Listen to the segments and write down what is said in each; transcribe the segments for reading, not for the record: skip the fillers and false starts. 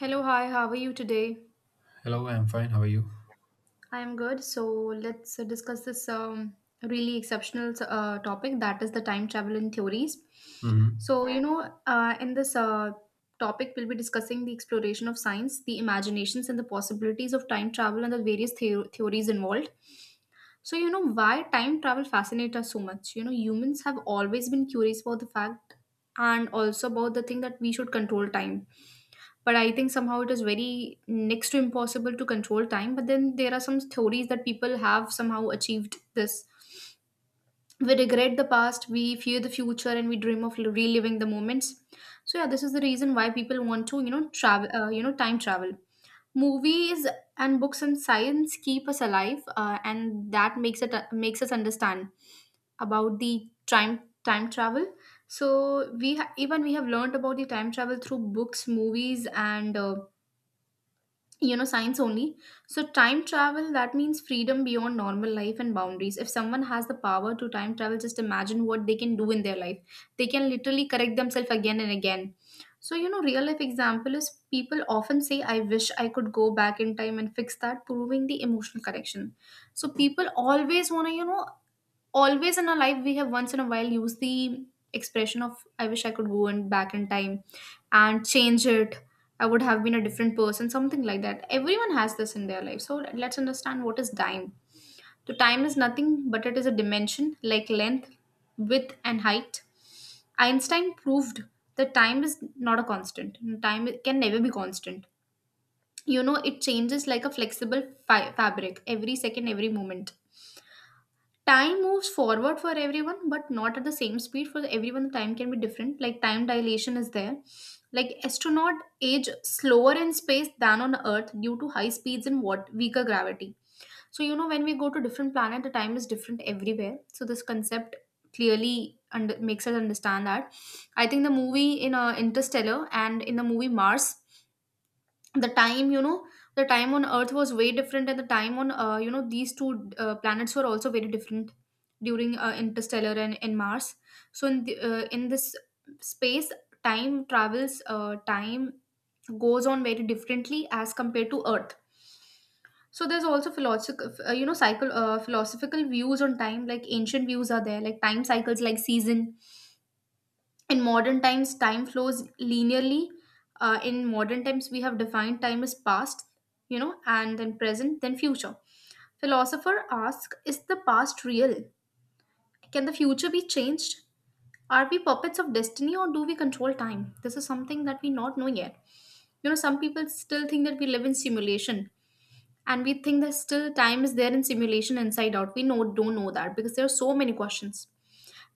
Hello, hi, how are you today? Hello, I'm fine. How are you? I am good. So let's discuss this really exceptional topic that is the time travel in theories. hmm So, you know, in this topic, we'll be discussing the exploration of science, the imaginations, and the possibilities of time travel and the various theories involved. So, you know, why time travel fascinates us so much? You know, humans have always been curious about the fact and also about the thing that we should control time, but I think somehow it is very next to impossible to control time. But then there are some theories that people have somehow achieved this. We regret the past, we fear the future, and we dream of reliving the moments. So yeah, this is the reason why people want to, you know, travel, you know, time travel movies and books, and science keep us alive and that makes it makes us understand about the time, time travel. So even we have learned about the time travel through books, movies, and you know, science only. So time travel, that means freedom beyond normal life and boundaries. If someone has the power to time travel, just imagine what they can do in their life. They can literally correct themselves again and again. So you know, real life example is, people often say, I wish I could go back in time and fix that, proving the emotional correction. So people always want to, you know, always in our life we have once in a while used the expression of, I wish I could go and back in time and change it. I would have been a different person, something like that. Everyone has this in their life. So let's understand what is time. So time is nothing but it is a dimension like length, width, and height. Einstein proved that time is not a constant. Time can never be constant. You know, it changes like a flexible fabric, every second, every moment. Time moves forward for everyone but not at the same speed for everyone. The time can be different, like time dilation is there. Like astronaut age slower in space than on earth due to high speeds and what weaker gravity. So you know, when we go to different planet, the time is different everywhere. So this concept clearly makes us understand that, I think, the movie in Interstellar and in the movie Mars, the time, you know, the time on earth was way different, and the time on you know, these two planets were also very different during Interstellar and in Mars. So in in this space, time travels, time goes on very differently as compared to earth. So there's also philosophical you know, cycle philosophical views on time, like ancient views are there, like time cycles like season. In modern times, time flows linearly. In modern times, we have defined time as past, you know, and then present, then future. Philosopher asks, is the past real? Can the future be changed? Are we puppets of destiny, or do we control time? This is something that we not know yet. You know, some people still think that we live in simulation, and we think that still time is there in simulation, inside out. We know, don't know that, because there are so many questions.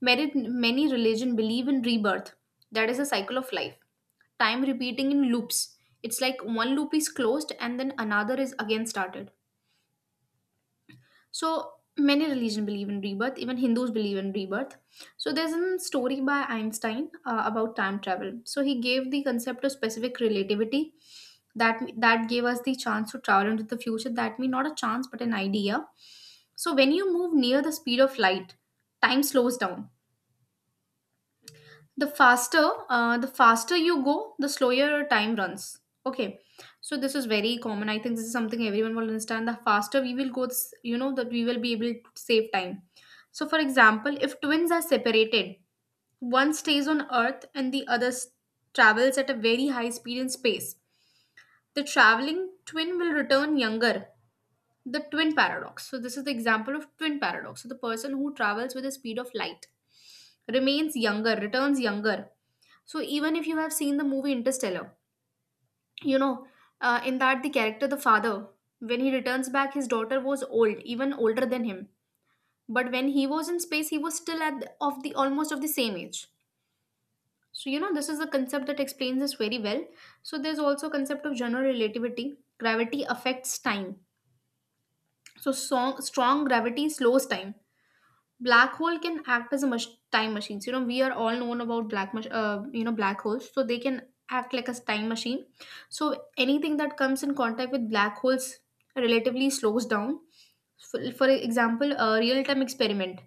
Many, many religion believe in rebirth. That is a cycle of life. Time repeating in loops. It's like one loop is closed and then another is again started. So many religion believe in rebirth. Even Hindus believe in rebirth. So there's a story by Einstein about time travel. So he gave the concept of specific relativity that gave us the chance to travel into the future. That means not a chance but an idea. So when you move near the speed of light, time slows down. The faster, the faster you go, the slower your time runs. Okay, so this is very common. I think this is something everyone will understand. The faster we will go, you know, that we will be able to save time. So for example, if twins are separated, one stays on earth and the travels at a very high speed in space, the traveling twin will return younger. The twin paradox. So this is the example of twin paradox. So the person who travels with the speed of light remains younger, returns younger. So even if you have seen the movie Interstellar, you know, in that the character, the father, when he returns back, his daughter was old, even older than him. But when he was in space, he was still at the, of the almost of the same age. So you know, this is a concept that explains this very well. So there's also concept of general relativity. Gravity affects time. So strong, strong gravity slows time. Black hole can act as a time machine. You know, we are all known about you know, black holes, so they can act like a time machine. So anything that comes in contact with black holes relatively slows down. For example, a real-time experiment,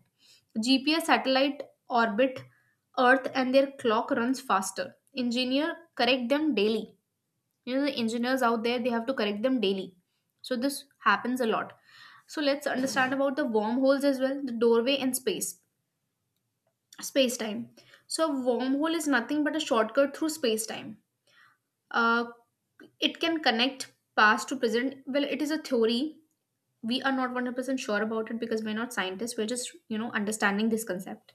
GPS satellite orbit earth and their clock runs faster. Engineer correct them daily. You know, the engineers out there, they have to correct them daily. So this happens a lot. So let's understand about the wormholes as well, the doorway in space, space time. So a wormhole is nothing but a shortcut through space time. Uh, it can connect past to present. Well, it is a theory. We are not 100% sure about it because we're not scientists. We're just, you know, understanding this concept.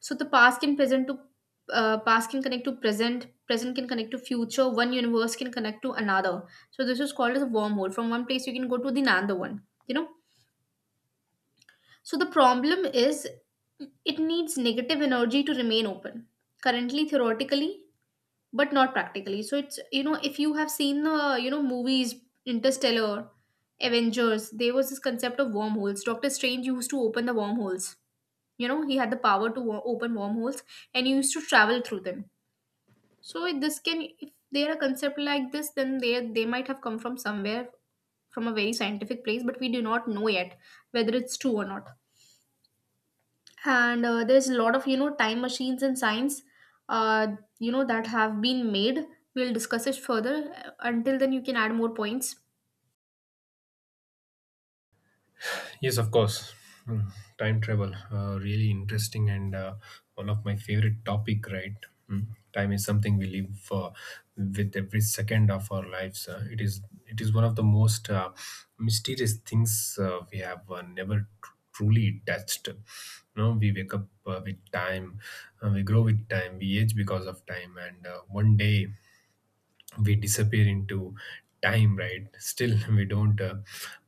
So the past can present to, past can connect to present, present can connect to future, one universe can connect to another. So this is called as a wormhole. From one place, you can go to the another one, you know. So the problem is, it needs negative energy to remain open. Currently, theoretically, but not practically. So it's, you know, if you have seen the, you know, movies Interstellar, Avengers, there was this concept of wormholes. Doctor Strange used to open the wormholes. You know, he had the power to open wormholes, and he used to travel through them. So if this can, if there a concept like this, then they might have come from somewhere, from a very scientific place, but we do not know yet whether it's true or not. And there's a lot of, you know, time machines in science, uh, you know, that have been made. We'll discuss it further. Until then, you can add more points. Yes, of course. Mm, Time travel, really interesting and one of my favorite topic, right? Mm. Time is something we live with every second of our lives. It is one of the most mysterious things we have never tr- truly touched. You know, we wake up with time, we grow with time, we age because of time, and one day we disappear into time, right? Still, we don't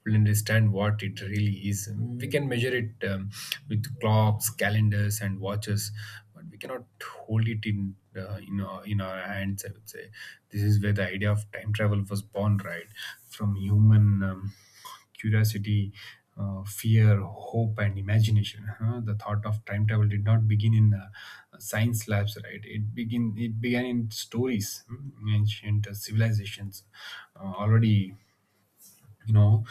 fully understand what it really is. We can measure it with clocks, calendars and watches, but we cannot hold it in in our hands, I would say. This is where the idea of time travel was born, right? From human curiosity, fear, hope, and imagination. Huh? The thought of time travel did not begin in science labs, right? It began in stories. Ancient civilizations already, you know,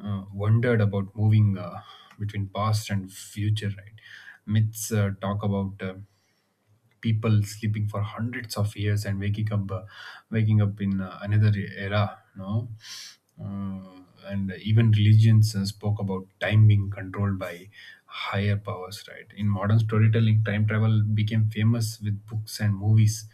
wondered about moving between past and future, right? Myths talk about people sleeping for hundreds of years and waking up in another era, no? Uh, and even religions spoke about time being controlled by higher powers, right? In modern storytelling, time travel became famous with books and movies.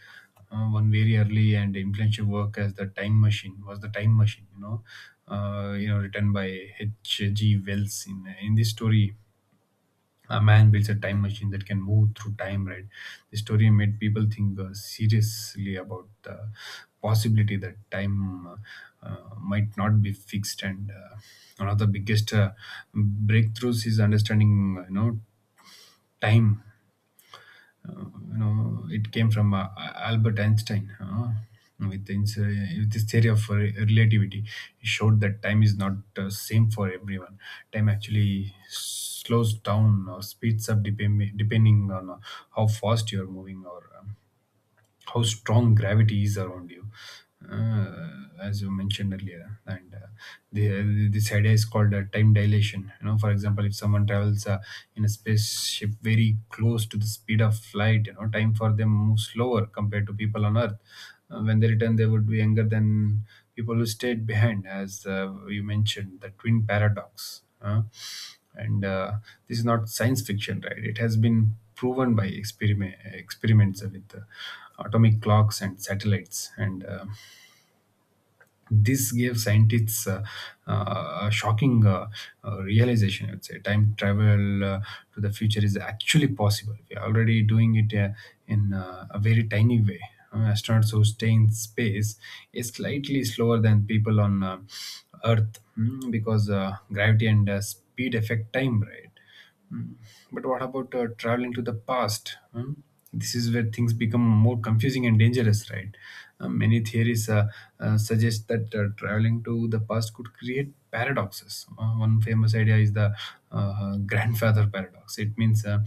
One very early and influential work as the Time Machine was the Time Machine, written by H. G. Wells. In this story, a man builds a time machine that can move through time, right? The story made people think seriously about the possibility that time might not be fixed. And one of the biggest breakthroughs is understanding time, it came from Albert Einstein. With, ins- uh, with his theory of relativity, he showed that time is not same for everyone. Time actually slows down or speeds up depending on how fast you are moving or how strong gravity is around you, uh, as you mentioned earlier. And this idea is called time dilation. You know, for example, if someone travels in a spaceship very close to the speed of light, you know, time for them moves slower compared to people on earth. When they return, they would be younger than people who stayed behind, as you mentioned, the twin paradox. Huh? And this is not science fiction, right? It has been proven by experiments with atomic clocks and satellites. And this gave scientists a shocking realization, I would say. Time travel to the future is actually possible. We are already doing it in a very tiny way. Astronauts who stay in space is slightly slower than people on earth, because gravity and speed affect time, right? But what about traveling to the past? Hmm? This is where things become more confusing and dangerous, right? Many theories suggest that traveling to the past could create paradoxes. One famous idea is the grandfather paradox. It means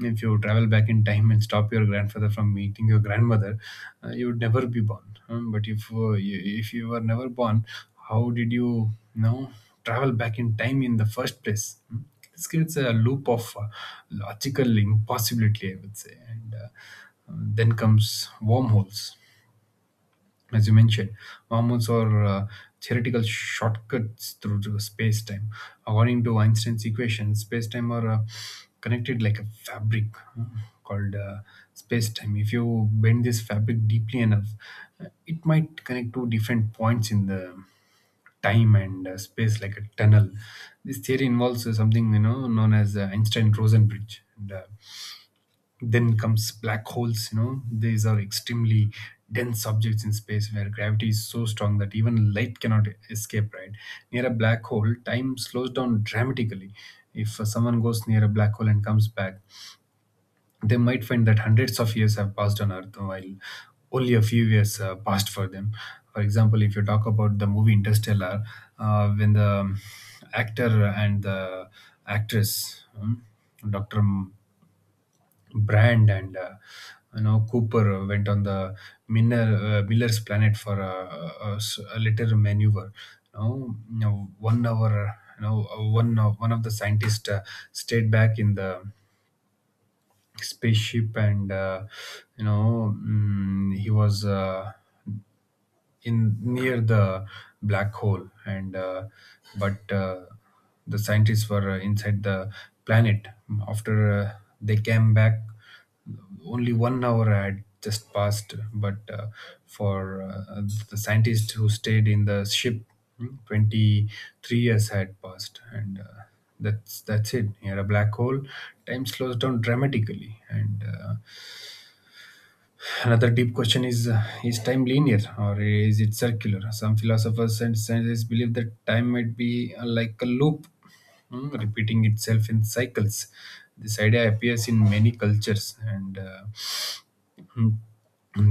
if you travel back in time and stop your grandfather from meeting your grandmother, you would never be born. But if you were never born, how did you, you know, travel back in time in the first place? Hmm? This creates a loop of logical impossibility, I would say. And then comes wormholes, as you mentioned. Mormons are theoretical shortcuts through the space-time. According to Einstein's equation, space-time are connected like a fabric uh, called space-time. If you bend this fabric deeply enough, it might connect to different points in the time and space like a tunnel. This theory involves something, you know, known as the Einstein-Rosen bridge. And then comes black holes. You know, these are extremely dense objects in space where gravity is so strong that even light cannot escape, right? Near a black hole, time slows down dramatically. If someone goes near a black hole and comes back, they might find that hundreds of years have passed on earth while only a few years passed for them. For example, if you talk about the movie Interstellar, when the actor and the actress, Dr. Brand and you know, Cooper, went on the Miller's planet for a little maneuver. You know, one hour. You know, one of the scientists stayed back in the spaceship, and you know, he was, in near the black hole, and but the scientists were inside the planet. After they came back, only one hour had just passed, but for the scientist who stayed in the ship, 23 years had passed. And that's it. Here, a black hole, time slows down dramatically. And another deep question is, is time linear or is it circular? Some philosophers and scientists believe that time might be like a loop, repeating itself in cycles. This idea appears in many cultures. And Mm.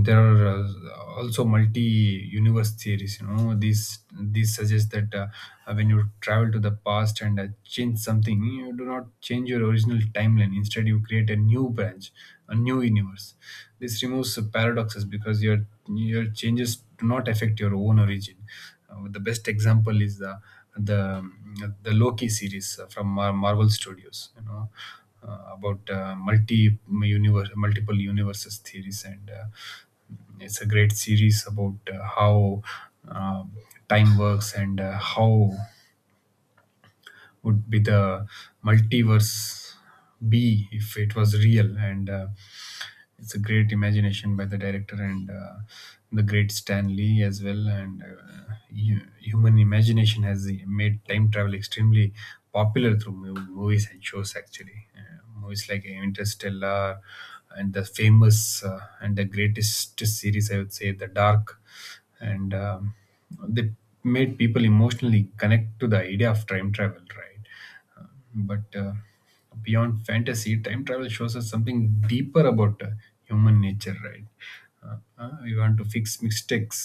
There are also multi-universe theories. You know, these suggest that when you travel to the past and change something, you do not change your original timeline. Instead, you create a new branch, a new universe. This removes paradoxes because your changes do not affect your own origin. The best example is the Loki series from Marvel Studios. You know. About multi universe, multiple universes theories. And it's a great series about how um time works, and how would be the multiverse be if it was real. And it's a great imagination by the director, and the great Stan Lee as well. And human imagination has made time travel extremely popular through movies and shows. Actually, movies like Interstellar and the famous and the greatest series, I would say, The Dark, and they made people emotionally connect to the idea of time travel, right? Um, but beyond fantasy, time travel shows us something deeper about human nature, right? Uh, we want to fix mistakes,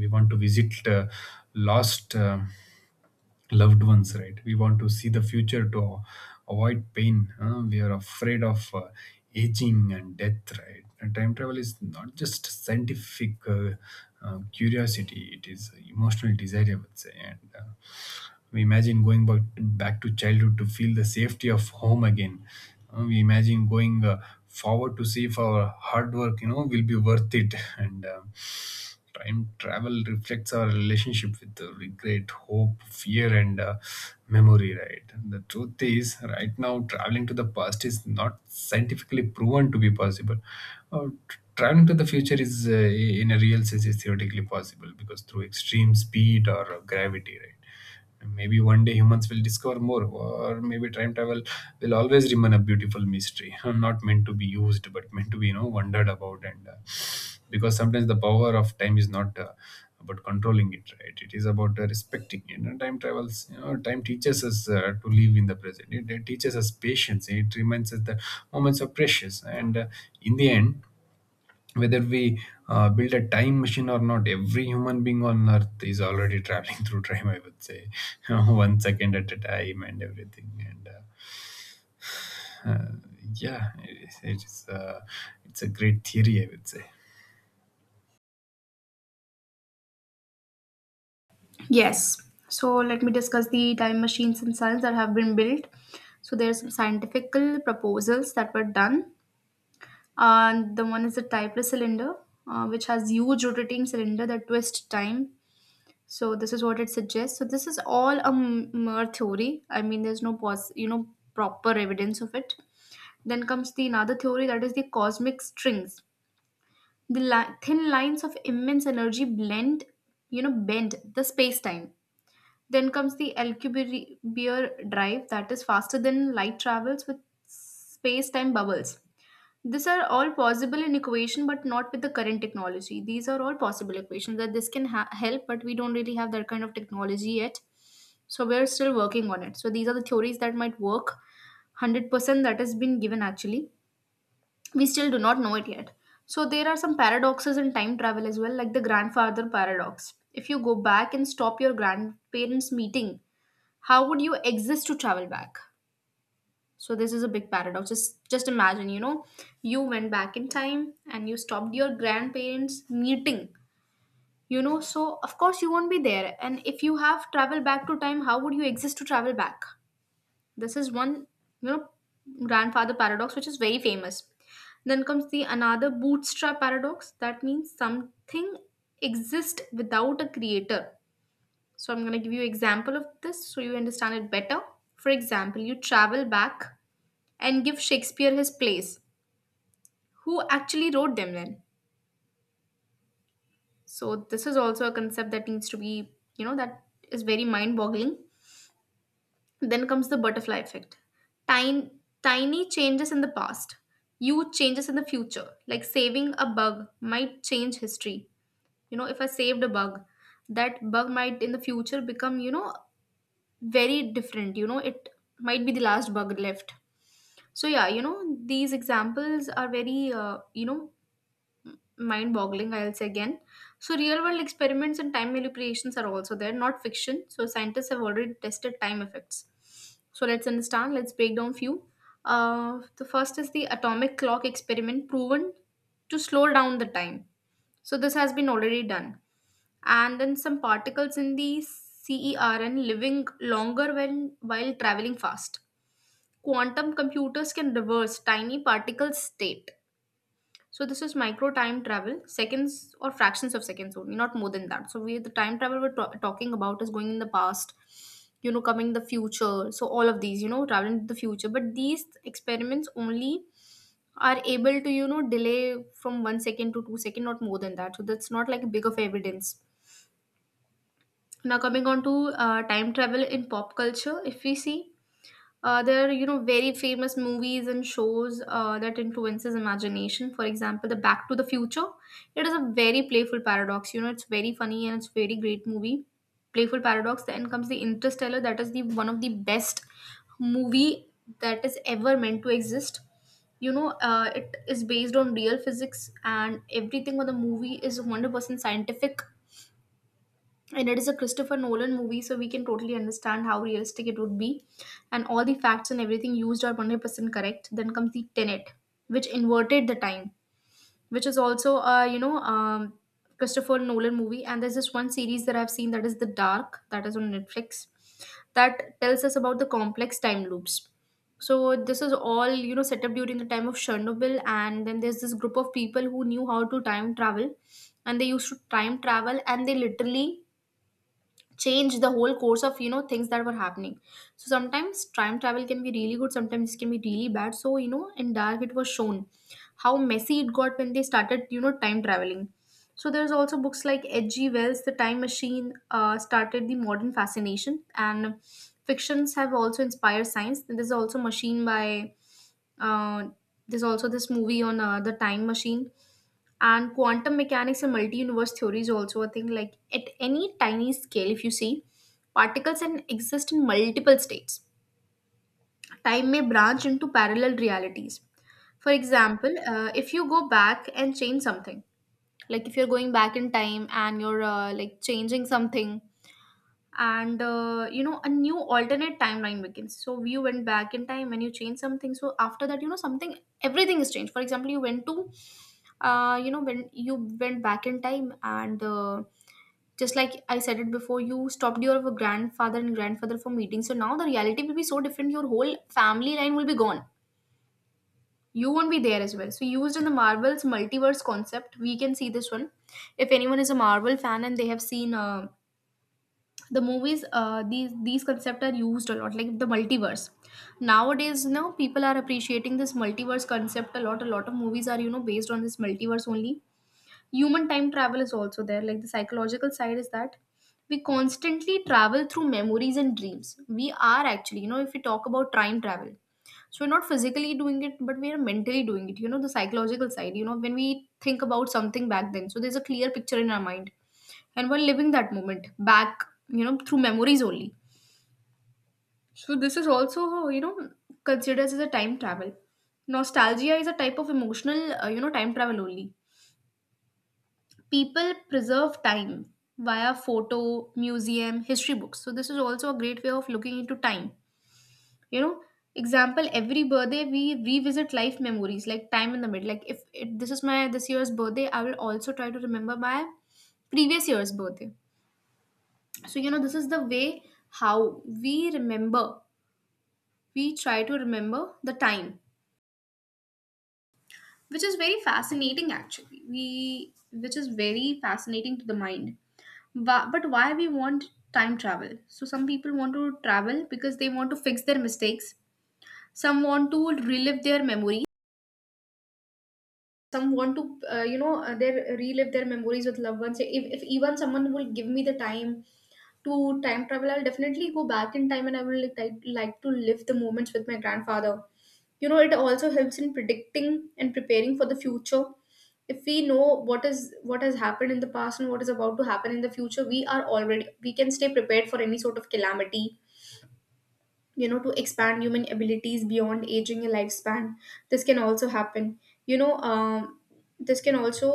we want to visit lost loved ones, right? We want to see the future to avoid pain. Huh? We are afraid of aging and death, right? And time travel is not just scientific curiosity, it is emotional desire, I would say. And we imagine going back to childhood to feel the safety of home again. We imagine going forward to see if our hard work, you know, will be worth it. And time travel reflects our relationship with the regret, hope, fear, and memory, right? The truth is, right now, traveling to the past is not scientifically proven to be possible. Traveling to the future is, in a real sense, is theoretically possible because through extreme speed or gravity, right? Maybe one day humans will discover more, or maybe time travel will always remain a beautiful mystery, not meant to be used, but meant to be, you know, wondered about. And because sometimes the power of time is not about controlling it, right? It is about respecting it. And time travels, you know, time teaches us to live in the present. It teaches us patience. It reminds us that moments are precious, and in the end, whether we build a time machine or not, every human being on earth is already traveling through time, I would say, one second at a time and everything. And uh, yeah, it is, it's a great theory, I would say. Yes. So let me discuss the time machines in science that have been built. So there are some scientific proposals that were done, and the one is the typeless cylinder, which has huge rotating cylinder that twists time. So this is what it suggests. So this is all a mere theory. I mean, there's no you know, proper evidence of it. Then comes the another theory, that is the cosmic strings. The thin lines of immense energy blend, you know, bend the space-time. Then comes the Alcubierre drive, that is faster than light travels with space-time bubbles. These are all possible in equation, but not with the current technology. These are all possible equations that this can help, but we don't really have that kind of technology yet. So we're still working on it. So these are the theories that might work. 100% that has been given actually. We still do not know it yet. So there are some paradoxes in time travel as well, like the grandfather paradox. If you go back and stop your grandparents' meeting, how would you exist to travel back? So this is a big paradox. Just imagine, you know, you went back in time and you stopped your grandparents meeting. You know, so of course you won't be there. And if you have travel back to time, how would you exist to travel back? This is one, you know, grandfather paradox, which is very famous. Then comes the another bootstrap paradox. That means something exists without a creator. So I'm gonna give you example of this so you understand it better. For example, you travel back and give Shakespeare his plays. Who actually wrote them then? So this is also a concept that needs to be, you know, that is very mind-boggling. Then comes the butterfly effect. Tiny, tiny changes in the past, huge changes in the future. Like saving a bug might change history. You know, if I saved a bug, that bug might in the future become, you know, very different. You know, it might be the last bug left. So yeah, you know, these examples are very, mind boggling, I'll say again. So real world experiments and time manipulations are also there, not fiction. So scientists have already tested time effects. So let's understand, let's break down few. The first is the atomic clock experiment proven to slow down the time. So this has been already done. And then some particles in the CERN living longer when while traveling fast. Quantum computers can reverse tiny particle state, so this is micro time travel, seconds or fractions of seconds only, not more than that. So we the time travel we're ta- talking about is going in the past, you know, coming in the future. So all of these, you know, traveling to the future. But these experiments only are able to, you know, delay from one second to two second, not more than that. So that's not like a big of evidence. Now coming on to time travel in pop culture, if we see there are, you know, very famous movies and shows that influences imagination. For example, the Back to the Future. It is a very playful paradox. You know, it's very funny and it's very great movie. Playful paradox. Then comes the Interstellar. That is the one of the best movie that is ever meant to exist. It is based on real physics and everything on the movie is 100% scientific, and it is a Christopher Nolan movie, so we can totally understand how realistic it would be, and all the facts and everything used are 100% correct. Then comes the Tenet, which inverted the time, which is also a Christopher Nolan movie. And there's this one series that I've seen that is The Dark, that is on Netflix, that tells us about the complex time loops. So this is all, you know, set up during the time of Chernobyl, and then there's this group of people who knew how to time travel, and they used to time travel, and they literally change the whole course of, you know, things that were happening. So sometimes time travel can be really good, sometimes it can be really bad. So you know, in dark it was shown how messy it got when they started, you know, time traveling. So there's also books like H.G. Wells' The Time Machine, started the modern fascination, and fictions have also inspired science. There's also Machine by uh, there's also this movie on the Time Machine. And quantum mechanics and multi-universe theory is also a thing. Like at any tiny scale, if you see, particles can exist in multiple states, time may branch into parallel realities. For example, if you go back and change something, like if you're going back in time and you're, like, changing something, and you know, a new alternate timeline begins. So you went back in time and you changed something, so after that, you know, something everything is changed. For example, you went to, you know, when you went back in time and, just like I said it before, you stopped your grandfather from meeting, so now the reality will be so different, your whole family line will be gone, you won't be there as well. So used in the Marvel's multiverse concept, we can see this one. If anyone is a Marvel fan and they have seen, the movies, these concepts are used a lot, like the multiverse. Nowadays, you know, people are appreciating this multiverse concept a lot. A lot of movies are, you know, based on this multiverse only. Human time travel is also there. Like the psychological side is that we constantly travel through memories and dreams. We are actually, you know, if we talk about time travel, so we're not physically doing it, but we are mentally doing it. You know, the psychological side, you know, when we think about something back then, so there's a clear picture in our mind and we're living that moment back, you know, through memories only. So this is also, you know, considered as a time travel. Nostalgia is a type of emotional, time travel only. People preserve time via photo, museum, history books. So this is also a great way of looking into time, you know. Example, every birthday we revisit life memories, like time in the middle. Like if it, this is my this year's birthday, I will also try to remember my previous year's birthday. So you know, this is the way how we remember. We try to remember the time, which is very fascinating actually, we which is very fascinating to the mind. But why we want time travel? So some people want to travel because they want to fix their mistakes. Some want to relive their memories. Some want to you know their relive their memories with loved ones. If even someone will give me the time to time travel, I'll definitely go back in time and I will like to live the moments with my grandfather. You know, it also helps in predicting and preparing for the future. If we know what is, what has happened in the past and what is about to happen in the future, we are already, we can stay prepared for any sort of calamity. You know, to expand human abilities beyond aging and lifespan, this can also happen, you know um, this can also,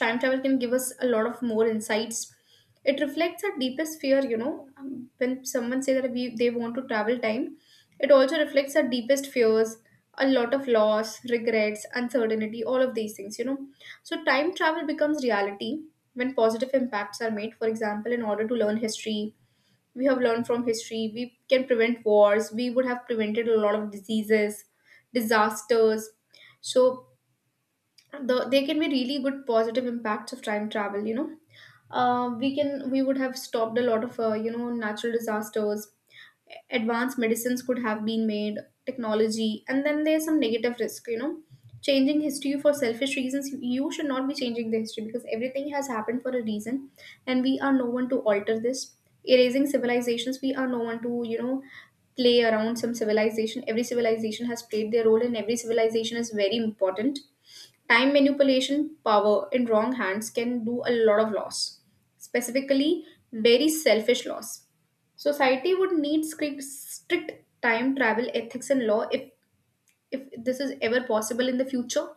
time travel can give us a lot of more insights. It reflects our deepest fear, you know. Um, when someone say that we they want to travel time, it also reflects our deepest fears, a lot of loss, regrets, uncertainty, all of these things, you know. So time travel becomes reality when positive impacts are made. For example, in order to learn history, we have learned from history, we can prevent wars, we would have prevented a lot of diseases, disasters. So they can be really good positive impacts of time travel, you know. We can, we would have stopped a lot of, natural disasters. Advanced medicines could have been made, technology. And then there's some negative risk, you know. Changing history for selfish reasons, you should not be changing the history, because everything has happened for a reason and we are no one to alter this. Erasing civilizations, we are no one to, you know, play around some civilization. Every civilization has played their role and every civilization is very important. Time manipulation, power in wrong hands can do a lot of loss, specifically, very selfish loss. Society would need strict time travel ethics and law, if this is ever possible in the future.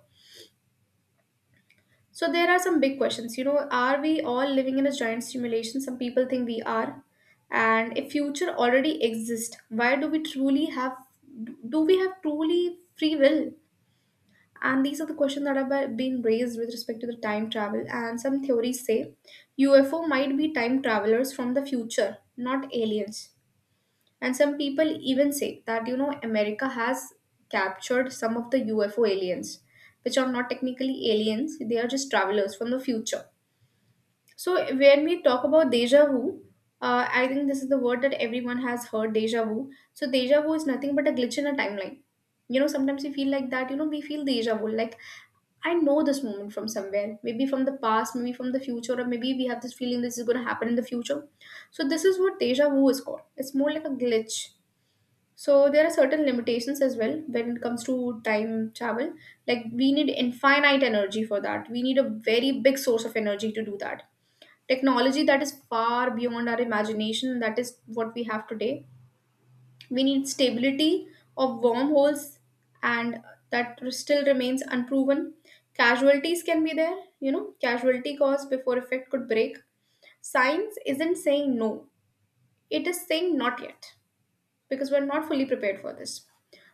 So there are some big questions. You know, are we all living in a giant simulation? Some people think we are. And if future already exists, why do we truly have, do we have truly free will? And these are the questions that have been raised with respect to the time travel. And some theories say UFO might be time travelers from the future, not aliens. And some people even say that, you know, America has captured some of the UFO aliens, which are not technically aliens, they are just travelers from the future. So when we talk about deja vu, I think this is the word that everyone has heard, deja vu. So deja vu is nothing but a glitch in a timeline. You know, sometimes we feel like that. You know, we feel deja vu. Like, I know this moment from somewhere, maybe from the past, maybe from the future, or maybe we have this feeling this is going to happen in the future. So this is what deja vu is called. It's more like a glitch. So there are certain limitations as well when it comes to time travel. Like, we need infinite energy for that. We need a very big source of energy to do that. Technology that is far beyond our imagination, that is what we have today. We need stability of wormholes, and that still remains unproven. Casualties can be there, you know, casualty cause before effect could break. Science isn't saying no, it is saying not yet, because we're not fully prepared for this.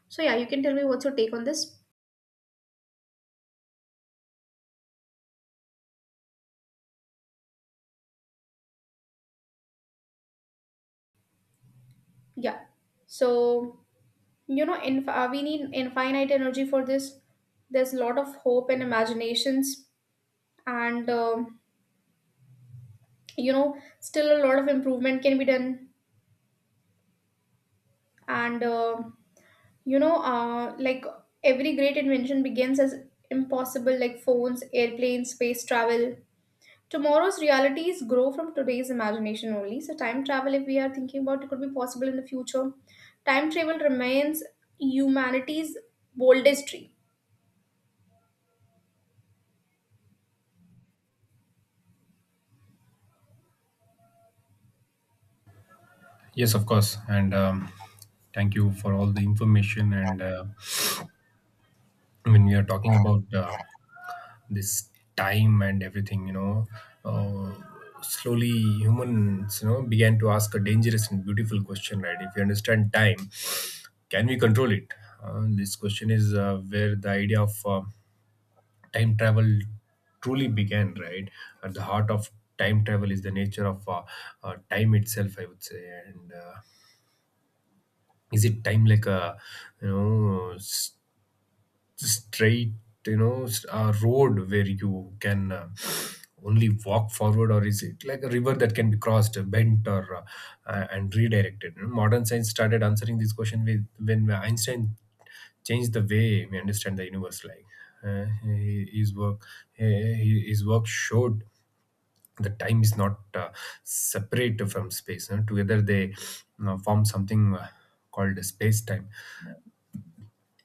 So yeah, you can tell me, what's your take on this? Yeah. So, you know, we need infinite energy for this. There's a lot of hope and imaginations, and you know, still a lot of improvement can be done. And like, every great invention begins as impossible, like phones, airplanes, space travel. Tomorrow's realities grow from today's imagination only. So time travel, if we are thinking about it, could be possible in the future. Time travel remains humanity's boldest dream. Yes, of course. And thank you for all the information. And when we are talking about this time and everything, you know, uh, slowly humans, you know, began to ask a dangerous and beautiful question, right? If you understand time, can we control it? This question is where the idea of time travel truly began, right? At the heart of time travel is the nature of time itself, I would say. And is it time like a you know straight road where you can only walk forward, or is it like a river that can be crossed, bent, or and redirected? You know, modern science started answering this question with when Einstein changed the way we understand the universe. Like, uh, his work his work showed the time is not separate from space, you know. Together they, form something called space time.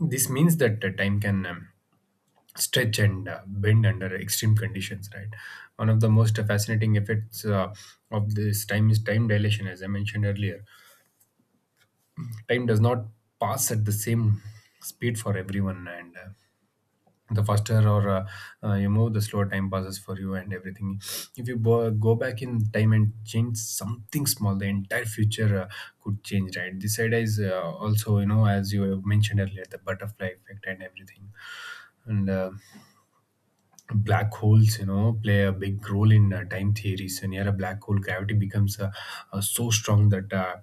This means that time can stretch and bend under extreme conditions, right? One of the most fascinating effects of this time is time dilation. As I mentioned earlier, time does not pass at the same speed for everyone, and the faster or you move, the slower time passes for you and everything. If you go back in time and change something small, the entire future could change, right? This idea is, also, you know, as you have mentioned earlier, the butterfly effect and everything. And black holes, you know, play a big role in time theories. So near a black hole, gravity becomes so strong that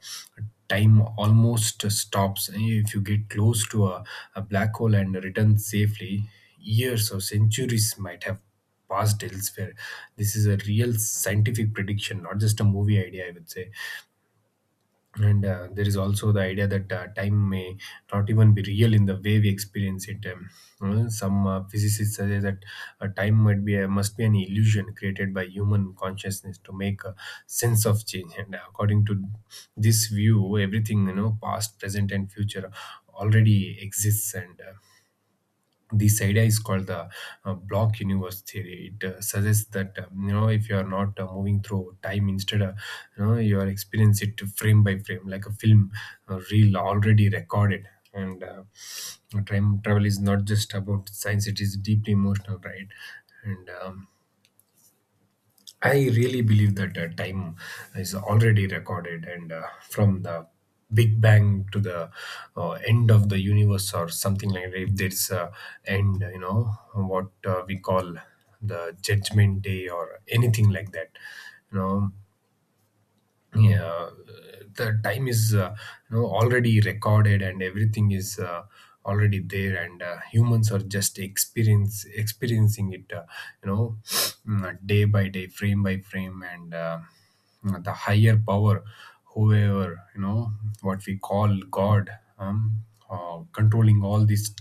time almost stops. If you get close to a black hole and return safely, years or centuries might have passed elsewhere. This is a real scientific prediction, not just a movie idea, I would say. And there is also the idea that time may not even be real in the way we experience it. Some physicists suggest that time might be must be an illusion created by human consciousness to make a sense of change. And according to this view, everything, you know, past, present, and future, already exists. And this idea is called the block universe theory. It suggests that, you know, if you are not moving through time, instead you know, you are experience it frame by frame like a film reel already recorded. And time travel is not just about science, it is deeply emotional, right? And I really believe that time is already recorded, and from the Big Bang to the end of the universe or something like that. If there's a end, you know, what we call the Judgment Day or anything like that, you know, yeah, the time is, you know, already recorded, and everything is already there, and humans are just experience experiencing it, you know day by day, frame by frame, and the higher power, whoever, you know, what we call god, um, controlling all these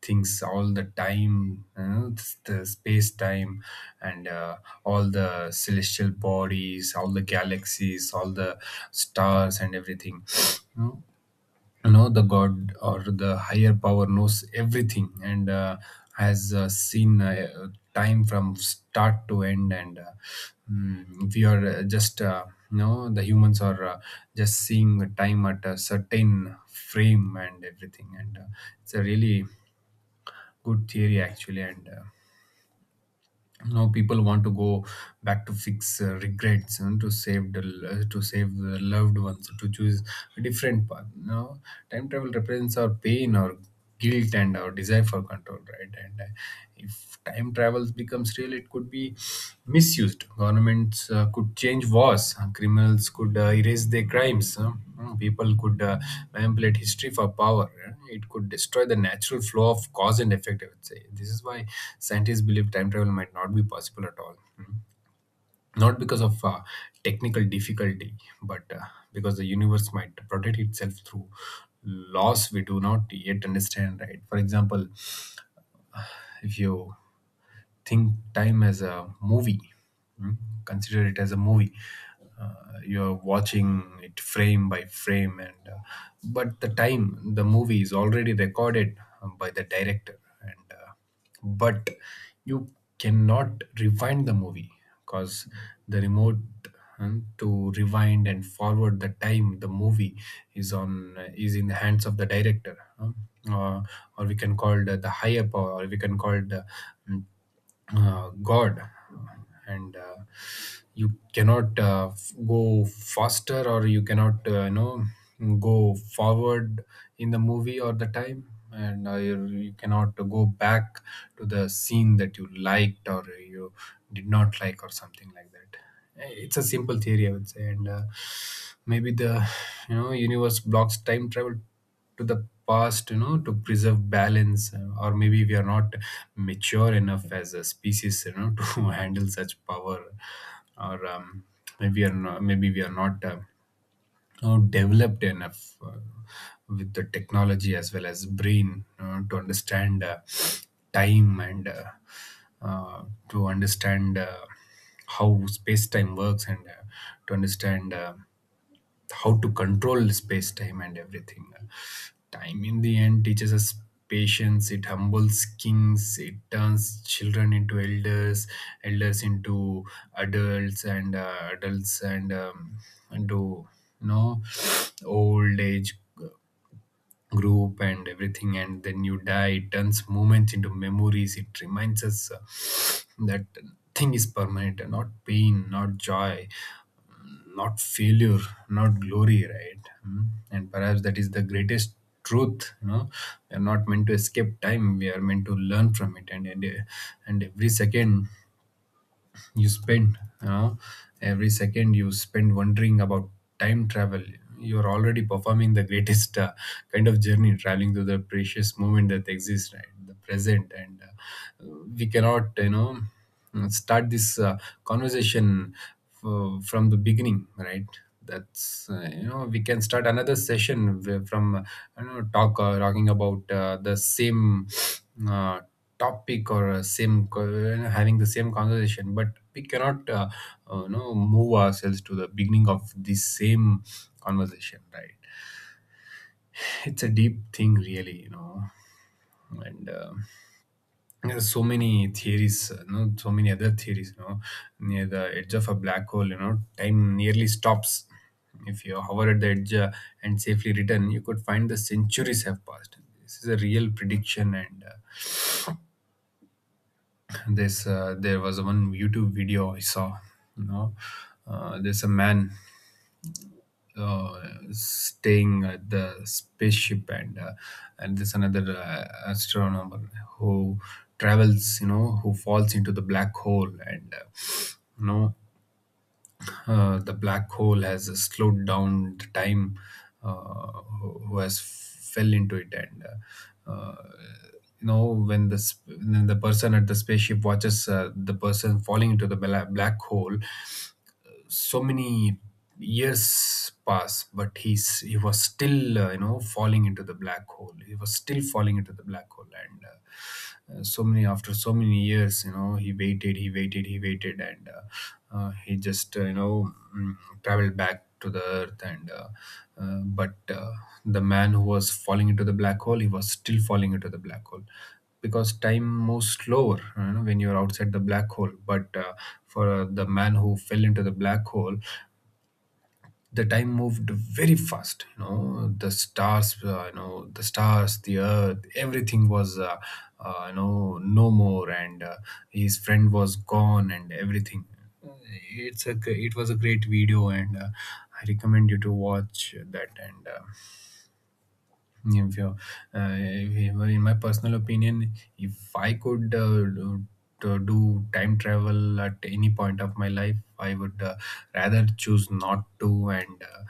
things all the time, you know, the space time, and all the celestial bodies, all the galaxies, all the stars and everything. You know, you know, the god or the higher power knows everything, and has seen time from start to end, and we are, just you know, the humans are just seeing the time at a certain frame and everything, and it's a really good theory actually. And now people want to go back to fix regrets, and to save the loved ones, to choose a different path. Now time travel represents our pain, our guilt, and our desire for control, right? And if time travels becomes real, it could be misused. Governments could change laws, criminals could erase their crimes, huh? Mm. People could manipulate history for power. Eh? It could destroy the natural flow of cause and effect, I would say. This is why scientists believe time travel might not be possible at all. Mm. Not because of technical difficulty, but because the universe might protect itself through laws we do not yet understand, right? For example, if you think time as a movie. Mm. Consider it as a movie. Uh, you're watching it frame by frame, and but the time the movie is already recorded by the director, and but you cannot rewind the movie, because the remote, to rewind and forward the time, the movie is on is in the hands of the director, or, or we can call it the higher power, or we can call it the, God, and you cannot go faster, or you cannot, you know, go forward in the movie or the time, and you cannot go back to the scene that you liked or you did not like or something like that. Eh, it's a simple theory, I would say, and maybe the, you know, universe blocks time travel to the past, you know, to preserve balance, or maybe we are not mature enough as a species, you know, to handle such power. Or maybe we are not, Maybe we are not you know, developed enough with the technology as well as brain, to understand time, and uh, to understand how space time works, and to understand how to control space time and everything. Time in the end teaches us patience, it humbles kings, it turns children into elders, elders into adults, and adults and into, you know, old age group and everything, and then you die. It turns moments into memories, it reminds us that thing is permanent, not pain, not joy, not failure, not glory, right? Mm. And perhaps that is the greatest truth. You know, we are not meant to escape time. We are meant to learn from it, and every second you spend, you know every second you spend wondering about time travel, you're already performing the greatest kind of journey, traveling to the precious moment that exists, right, the present. And we cannot, you know, start this conversation from the beginning, right? that's You know, we can start another session, from, you know, talking about the same uh, topic, or having the same conversation, but we cannot, you know, move ourselves to the beginning of the same conversation, right? It's a deep thing really, you know. And there's so many theories, you know, so many other theories, you know. Near the edge of a black hole, you know, time nearly stops. If you hover at the edge and safely return, you could find the centuries have passed. This is a real prediction. And uh, this uh, there was one YouTube video I saw, you know. There's a man staying at the spaceship, and and there's another astronomer who travels, you know, who falls into the black hole, and you know, the black hole has slowed down the time uh, who has fell into it. And uh, uh, you know, when the when the person at the spaceship watches the person falling into the black hole, so many years pass, but he was still, you know, falling into the black hole. He was still falling into the black hole, and so many after so many years, you know, he waited, he waited, he waited, and he just, traveled back to the earth, and but the man who was falling into the black hole, he was still falling into the black hole, because time moves slower, you know, when you're outside the black hole. But for the man who fell into the black hole, the time moved very fast. You know, the stars, you know, the stars, the earth, everything was, you know, no more, and his friend was gone, and everything. It was a great video, and I recommend you to watch that. And. If you, uh, if- In my personal opinion, if I could do to do time travel at any point of my life, I would rather choose not to, and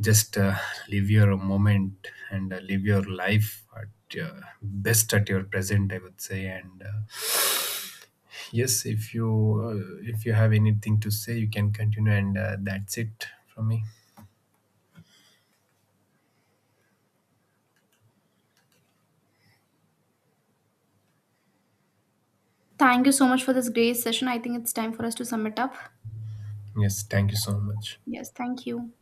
just, live your moment, and live your life at best at your present, I would say. And yes, if you have anything to say, you can continue, and that's it from me. Thank you so much for this great session. I think it's time for us to sum it up. Yes, thank you so much. Yes, thank you.